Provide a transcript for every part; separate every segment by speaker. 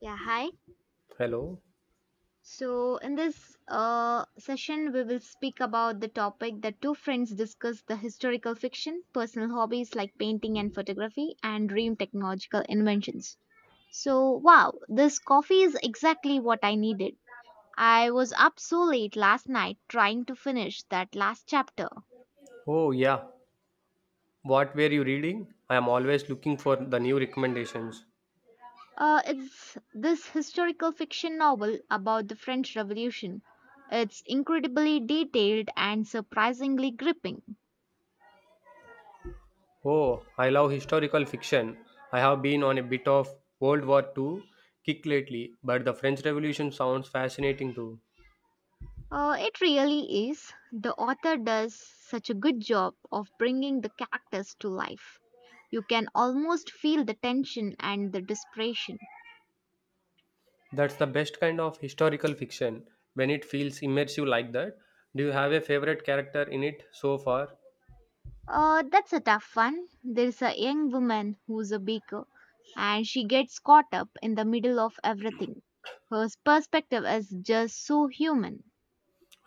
Speaker 1: Yeah, hi.
Speaker 2: Hello.
Speaker 1: So, in this session, we will speak about the topic that two friends discuss the historical fiction, personal hobbies like painting and photography, and dream technological inventions. So, wow, this coffee is exactly what I needed. I was up so late last night trying to finish that last chapter.
Speaker 2: Oh, yeah. What were you reading? I am always looking for the new recommendations.
Speaker 1: It's this historical fiction novel about the French Revolution. It's incredibly detailed and surprisingly gripping.
Speaker 2: Oh, I love historical fiction. I have been on a bit of World War Two kick lately, but the French Revolution sounds fascinating too.
Speaker 1: It really is. The author does such a good job of bringing the characters to life. You can almost feel the tension and the desperation.
Speaker 2: That's the best kind of historical fiction when it feels immersive like that. Do you have a favorite character in it so far?
Speaker 1: That's a tough one. There's a young woman who's a baker and she gets caught up in the middle of everything. Her perspective is just so human.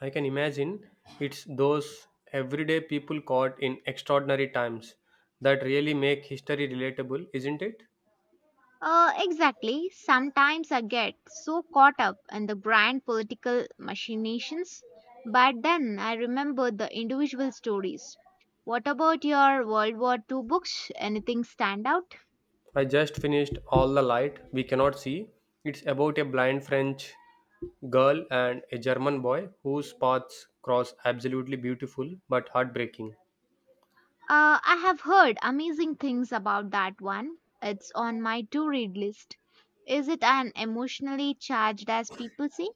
Speaker 2: I can imagine it's those everyday people caught in extraordinary times that really make history relatable, isn't it?
Speaker 1: Exactly. Sometimes I get so caught up in the grand political machinations, but then I remember the individual stories. What about your World War Two books? Anything stand out?
Speaker 2: I just finished All the Light We Cannot See. It's about a blind French girl and a German boy whose paths cross absolutely beautiful but heartbreaking.
Speaker 1: I have heard amazing things about that one. It's on my to read list. Is it an emotionally charged as people say?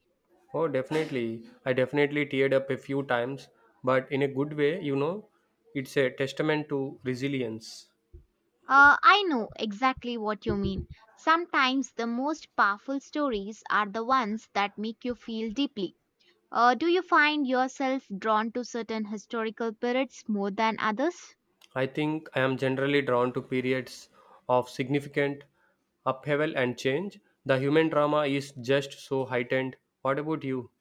Speaker 2: Oh, definitely. I definitely teared up a few times, but in a good way, you know. It's a testament to resilience.
Speaker 1: I know exactly what you mean. Sometimes the most powerful stories are the ones that make you feel deeply. Do you find yourself drawn to certain historical periods more than others?
Speaker 2: I think I am generally drawn to periods of significant upheaval and change. The human drama is just so heightened. What about you?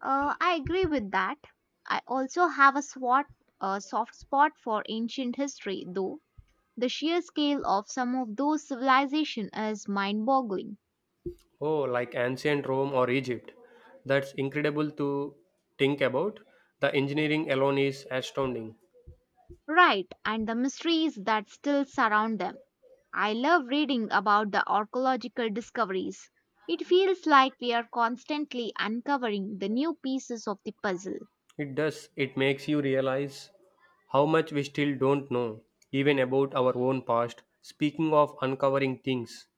Speaker 1: I agree with that. I also have a soft spot for ancient history, though. The sheer scale of some of those civilizations is mind boggling.
Speaker 2: Oh, like ancient Rome or Egypt. That's incredible to think about. The engineering alone is astounding.
Speaker 1: Right, and the mysteries that still surround them. I love reading about the archaeological discoveries. It feels like we are constantly uncovering the new pieces of the puzzle.
Speaker 2: It does, it makes you realize how much we still don't know, even about our own past. Speaking of uncovering things,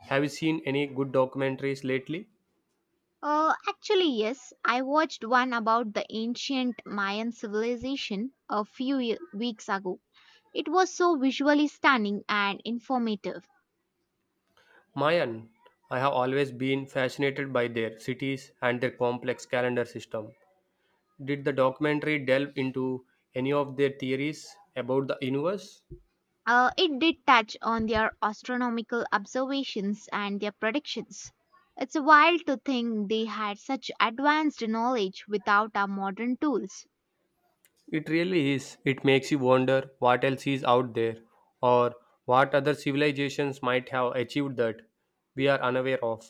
Speaker 2: have you seen any good documentaries lately?
Speaker 1: Actually, yes, I watched one about the ancient Mayan civilization a few weeks ago. It was so visually stunning and informative.
Speaker 2: Mayan, I have always been fascinated by their cities and their complex calendar system. Did the documentary delve into any of their theories about the universe?
Speaker 1: It did touch on their astronomical observations and their predictions. It's wild to think they had such advanced knowledge without our modern tools.
Speaker 2: It really is. It makes you wonder what else is out there or what other civilizations might have achieved that we are unaware of.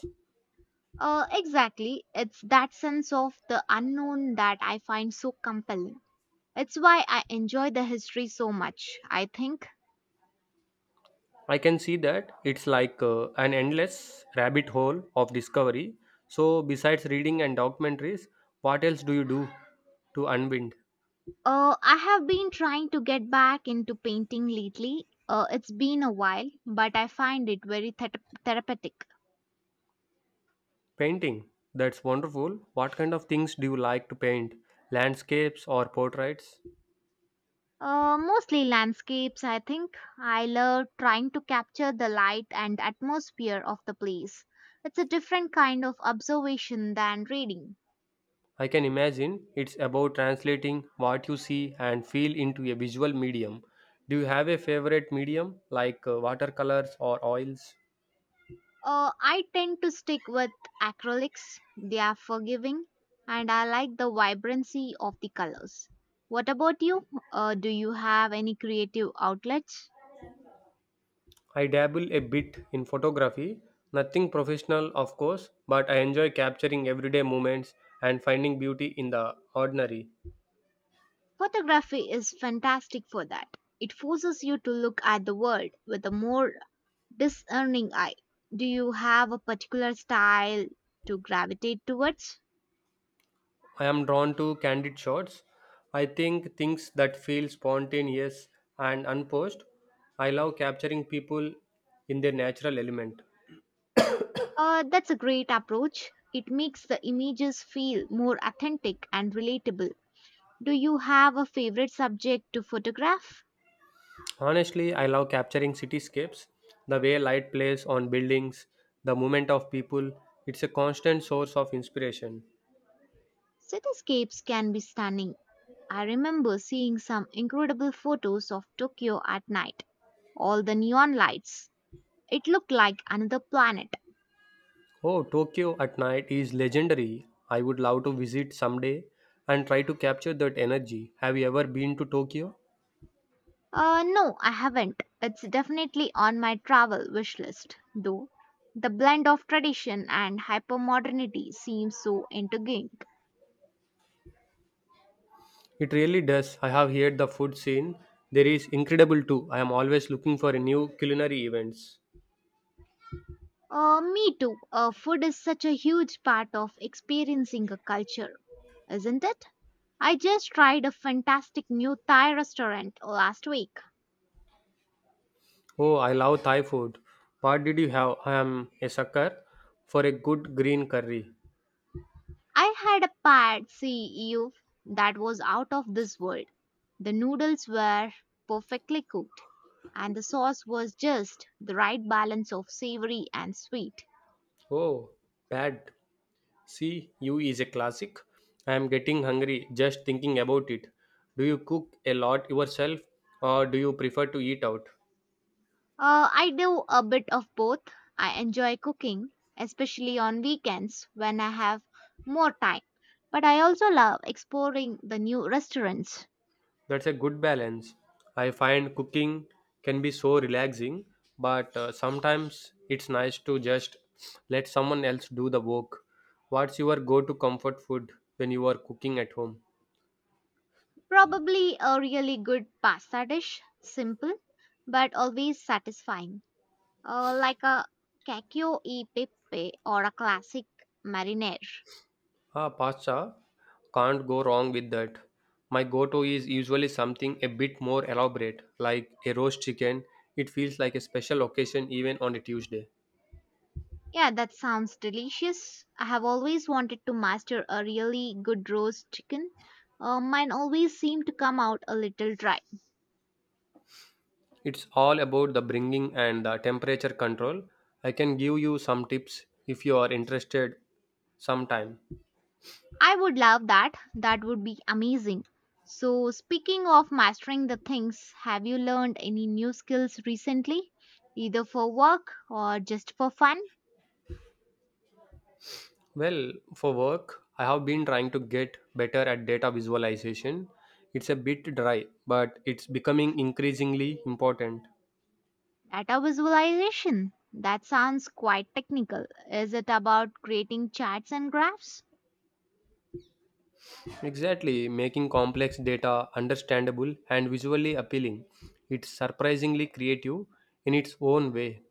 Speaker 1: Exactly, it's that sense of the unknown that I find so compelling. It's why I enjoy the history so much, I think.
Speaker 2: I can see that it's like an endless rabbit hole of discovery. So, besides reading and documentaries, what else do you do to unwind?
Speaker 1: I have been trying to get back into painting lately. It's been a while, but I find it very therapeutic.
Speaker 2: Painting. That's wonderful. What kind of things do you like to paint? Landscapes or portraits?
Speaker 1: Mostly landscapes, I think. I love trying to capture the light and atmosphere of the place. It's a different kind of observation than reading.
Speaker 2: I can imagine it's about translating what you see and feel into a visual medium. Do you have a favorite medium like watercolors or oils?
Speaker 1: I tend to stick with acrylics, they are forgiving, and I like the vibrancy of the colors. What about you? Do you have any creative outlets?
Speaker 2: I dabble a bit in photography, nothing professional, of course, but I enjoy capturing everyday moments and finding beauty in the ordinary.
Speaker 1: Photography is fantastic for that. It forces you to look at the world with a more discerning eye. Do you have a particular style to gravitate towards?
Speaker 2: I am drawn to candid shots. I think things that feel spontaneous and unposed. I love capturing people in their natural element.
Speaker 1: That's a great approach. It makes the images feel more authentic and relatable. Do you have a favorite subject to photograph?
Speaker 2: Honestly, I love capturing cityscapes, the way light plays on buildings, the movement of people. It's a constant source of inspiration.
Speaker 1: Cityscapes can be stunning. I remember seeing some incredible photos of Tokyo at night. All the neon lights. It looked like another planet.
Speaker 2: Oh, Tokyo at night is legendary. I would love to visit someday and try to capture that energy. Have you ever been to Tokyo?
Speaker 1: No, I haven't. It's definitely on my travel wish list, though. The blend of tradition and hypermodernity seems so intriguing.
Speaker 2: It really does. I have heard the food scene. There is incredible too. I am always looking for new culinary events.
Speaker 1: Me too. Food is such a huge part of experiencing a culture, isn't it? I just tried a fantastic new Thai restaurant last week.
Speaker 2: Oh, I love Thai food. What did you have? I am a sucker for a good green curry.
Speaker 1: I had a pad see ew that was out of this world. The noodles were perfectly cooked, and the sauce was just the right balance of savory and sweet.
Speaker 2: Oh, bad. See, you is a classic. I am getting hungry just thinking about it. Do you cook a lot yourself or do you prefer to eat out?
Speaker 1: I do a bit of both. I enjoy cooking, especially on weekends when I have more time, but I also love exploring the new restaurants.
Speaker 2: That's a good balance. I find cooking can be so relaxing, but sometimes it's nice to just let someone else do the work. What's your go to comfort food when you are cooking at home?
Speaker 1: Probably a really good pasta dish, simple but always satisfying. Like a cacio e pepe or a classic marinara.
Speaker 2: Ah, pasta. Can't go wrong with that. My go to is usually something a bit more elaborate, like a roast chicken. It feels like a special occasion even on a Tuesday.
Speaker 1: Yeah, that sounds delicious. I have always wanted to master a really good roast chicken. Mine always seem to come out a little dry.
Speaker 2: It's all about the bringing and the temperature control. I can give you some tips if you are interested sometime.
Speaker 1: I would love that. That would be amazing. So, speaking of mastering the things, have you learned any new skills recently? Either for work or just for fun?
Speaker 2: Well, for work, I have been trying to get better at data visualization. It's a bit dry, but it's becoming increasingly important.
Speaker 1: Data visualization. That sounds quite technical. Is it about creating charts and graphs?
Speaker 2: Exactly, making complex data understandable and visually appealing. It's surprisingly creative in its own way.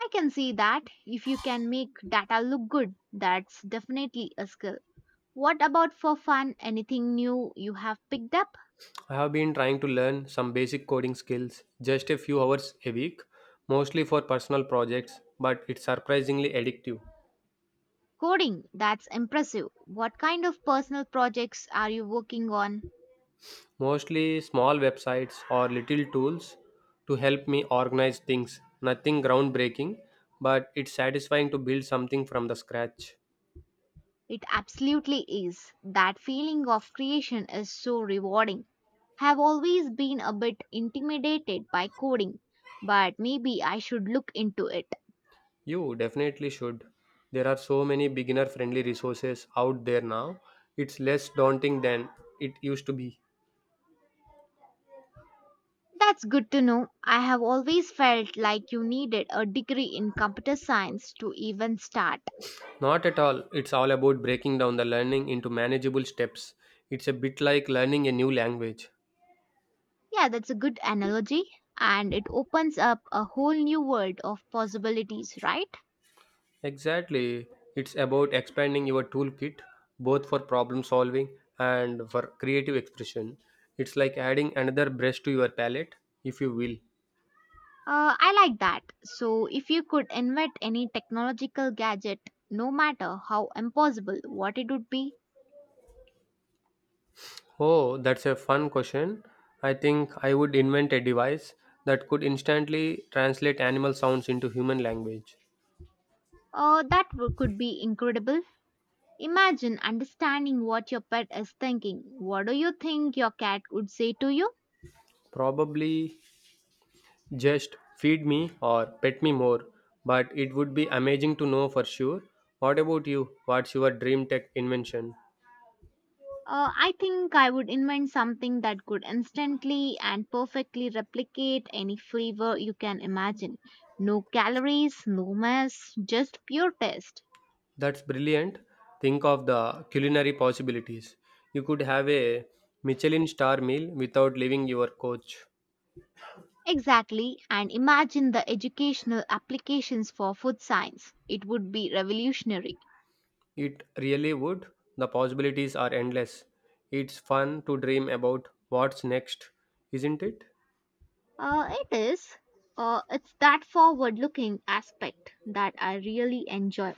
Speaker 1: I can see that. If you can make data look good, that's definitely a skill. What about for fun? Anything new you have picked up?
Speaker 2: I have been trying to learn some basic coding skills, just a few hours a week, mostly for personal projects, but it's surprisingly addictive.
Speaker 1: Coding. That's impressive. What kind of personal projects are you working on?
Speaker 2: Mostly small websites or little tools to help me organize things. Nothing groundbreaking, but it's satisfying to build something from the scratch.
Speaker 1: It absolutely is. That feeling of creation is so rewarding. Have always been a bit intimidated by coding, but maybe I should look into it.
Speaker 2: You definitely should. There are so many beginner friendly resources out there now. It's less daunting than it used to be.
Speaker 1: That's good to know. I have always felt like you needed a degree in computer science to even start.
Speaker 2: Not at all. It's all about breaking down the learning into manageable steps. It's a bit like learning a new language.
Speaker 1: Yeah, that's a good analogy, and it opens up a whole new world of possibilities, right?
Speaker 2: Exactly. It's about expanding your toolkit both for problem solving and for creative expression. It's like adding another brush to your palette, if you will.
Speaker 1: I like that. So, if you could invent any technological gadget, no matter how impossible what it would be,
Speaker 2: Oh, that's a fun question. I think I would invent a device that could instantly translate animal sounds into human language.
Speaker 1: could be incredible. Imagine understanding what your pet is thinking. What do you think your cat would say to you?
Speaker 2: Probably just feed me or pet me more, but it would be amazing to know for sure. What about you? What's your dream tech invention?
Speaker 1: I think I would invent something that could instantly and perfectly replicate any flavor you can imagine. No calories, no mess, just pure taste.
Speaker 2: That's brilliant. Think of the culinary possibilities. You could have a Michelin star meal without leaving your couch.
Speaker 1: Exactly, and imagine the educational applications for food science. It would be revolutionary.
Speaker 2: It really would. The possibilities are endless. It's fun to dream about what's next, isn't it?
Speaker 1: It is. It's that forward looking aspect that I really enjoy.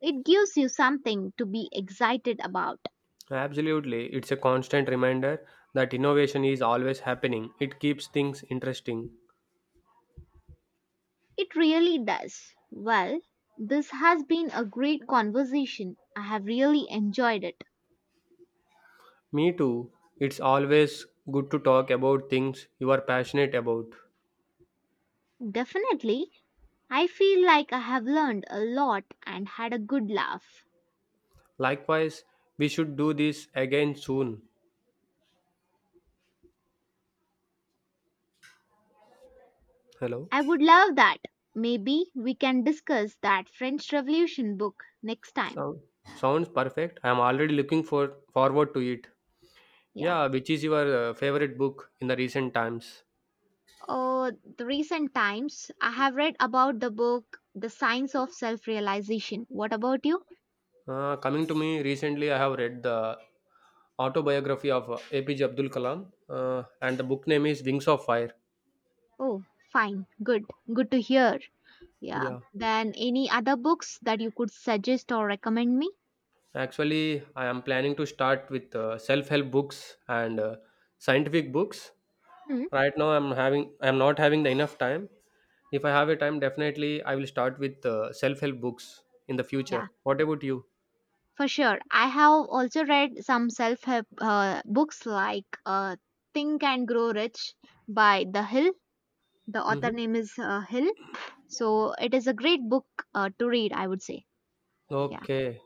Speaker 1: It gives you something to be excited about.
Speaker 2: Absolutely. It's a constant reminder that innovation is always happening. It keeps things interesting.
Speaker 1: It really does. Well, this has been a great conversation. I have really enjoyed it.
Speaker 2: Me too. It's always good to talk about things you are passionate about.
Speaker 1: Definitely, I feel like I have learned a lot and had a good laugh.
Speaker 2: Likewise, we should do this again soon. Hello?
Speaker 1: I would love that. Maybe we can discuss that French Revolution book next time.
Speaker 2: Sound, sounds perfect. I am already looking for forward to it.
Speaker 1: Yeah.
Speaker 2: Yeah, which is your favorite book in the recent times?
Speaker 1: Oh, the recent times I have read about the book The Science of Self Realization. What about you?
Speaker 2: Coming to me, recently I have read the autobiography of APJ Abdul Kalam, and the book name is Wings of Fire.
Speaker 1: Oh, fine. Good. Good to hear. Yeah.
Speaker 2: Yeah,
Speaker 1: Then any other books that you could suggest or recommend me?
Speaker 2: actually, I am planning to start with self-help books and scientific books.
Speaker 1: Hmm.
Speaker 2: Right now, I'm not having the enough time. If I have a time, definitely I will start with self-help books in the future.
Speaker 1: Yeah.
Speaker 2: What about you?
Speaker 1: For sure. I have also read some self help books like Think and Grow Rich by The Hill. The author
Speaker 2: Hmm.
Speaker 1: name is Hill. So it is a great book to read, I would say. Yeah.
Speaker 2: Okay.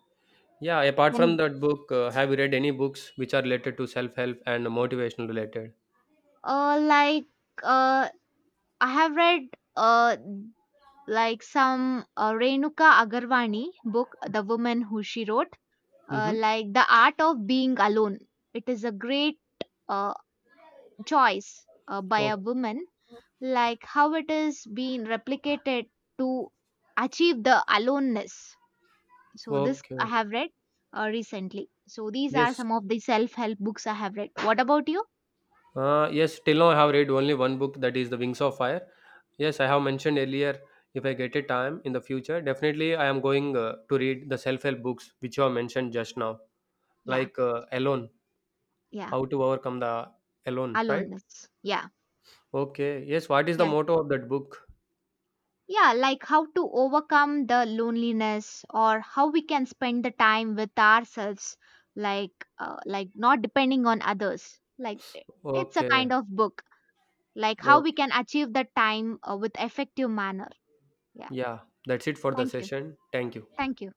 Speaker 2: Yeah. Apart from
Speaker 1: And
Speaker 2: that book, have you read any books which are related to self-help and motivational related?
Speaker 1: uh, like uh, I have read uh, like some Renuka Agarwani book, The Woman Who She Wrote,
Speaker 2: Mm-hmm.
Speaker 1: like The Art of Being Alone. It is a great uh, choice by a
Speaker 2: Oh,
Speaker 1: woman, like how it is being replicated to achieve the aloneness. So this I
Speaker 2: okay.
Speaker 1: have read recently. So these are
Speaker 2: Yes.
Speaker 1: some of the self help books I have read. What about you?
Speaker 2: Yes, till now I have read only one book that is The Wings of Fire. Yes, I have mentioned earlier if I get a time in the future, definitely I am going to read the self help books which you have mentioned just now,
Speaker 1: Yeah,
Speaker 2: like Alone,
Speaker 1: yeah.
Speaker 2: How to Overcome the Alone, right?
Speaker 1: Aloneness. Yeah,
Speaker 2: Okay. Yes, what is the
Speaker 1: yeah.
Speaker 2: motto of that book?
Speaker 1: Yeah, like how to overcome the loneliness or how we can spend the time with ourselves, like like not depending on others. It's a
Speaker 2: Okay.
Speaker 1: kind of book, like how we
Speaker 2: Okay.
Speaker 1: can achieve that time with effective manner. Yeah.
Speaker 2: Yeah, that's it for the
Speaker 1: Thank you.
Speaker 2: session. Thank you.
Speaker 1: Thank you.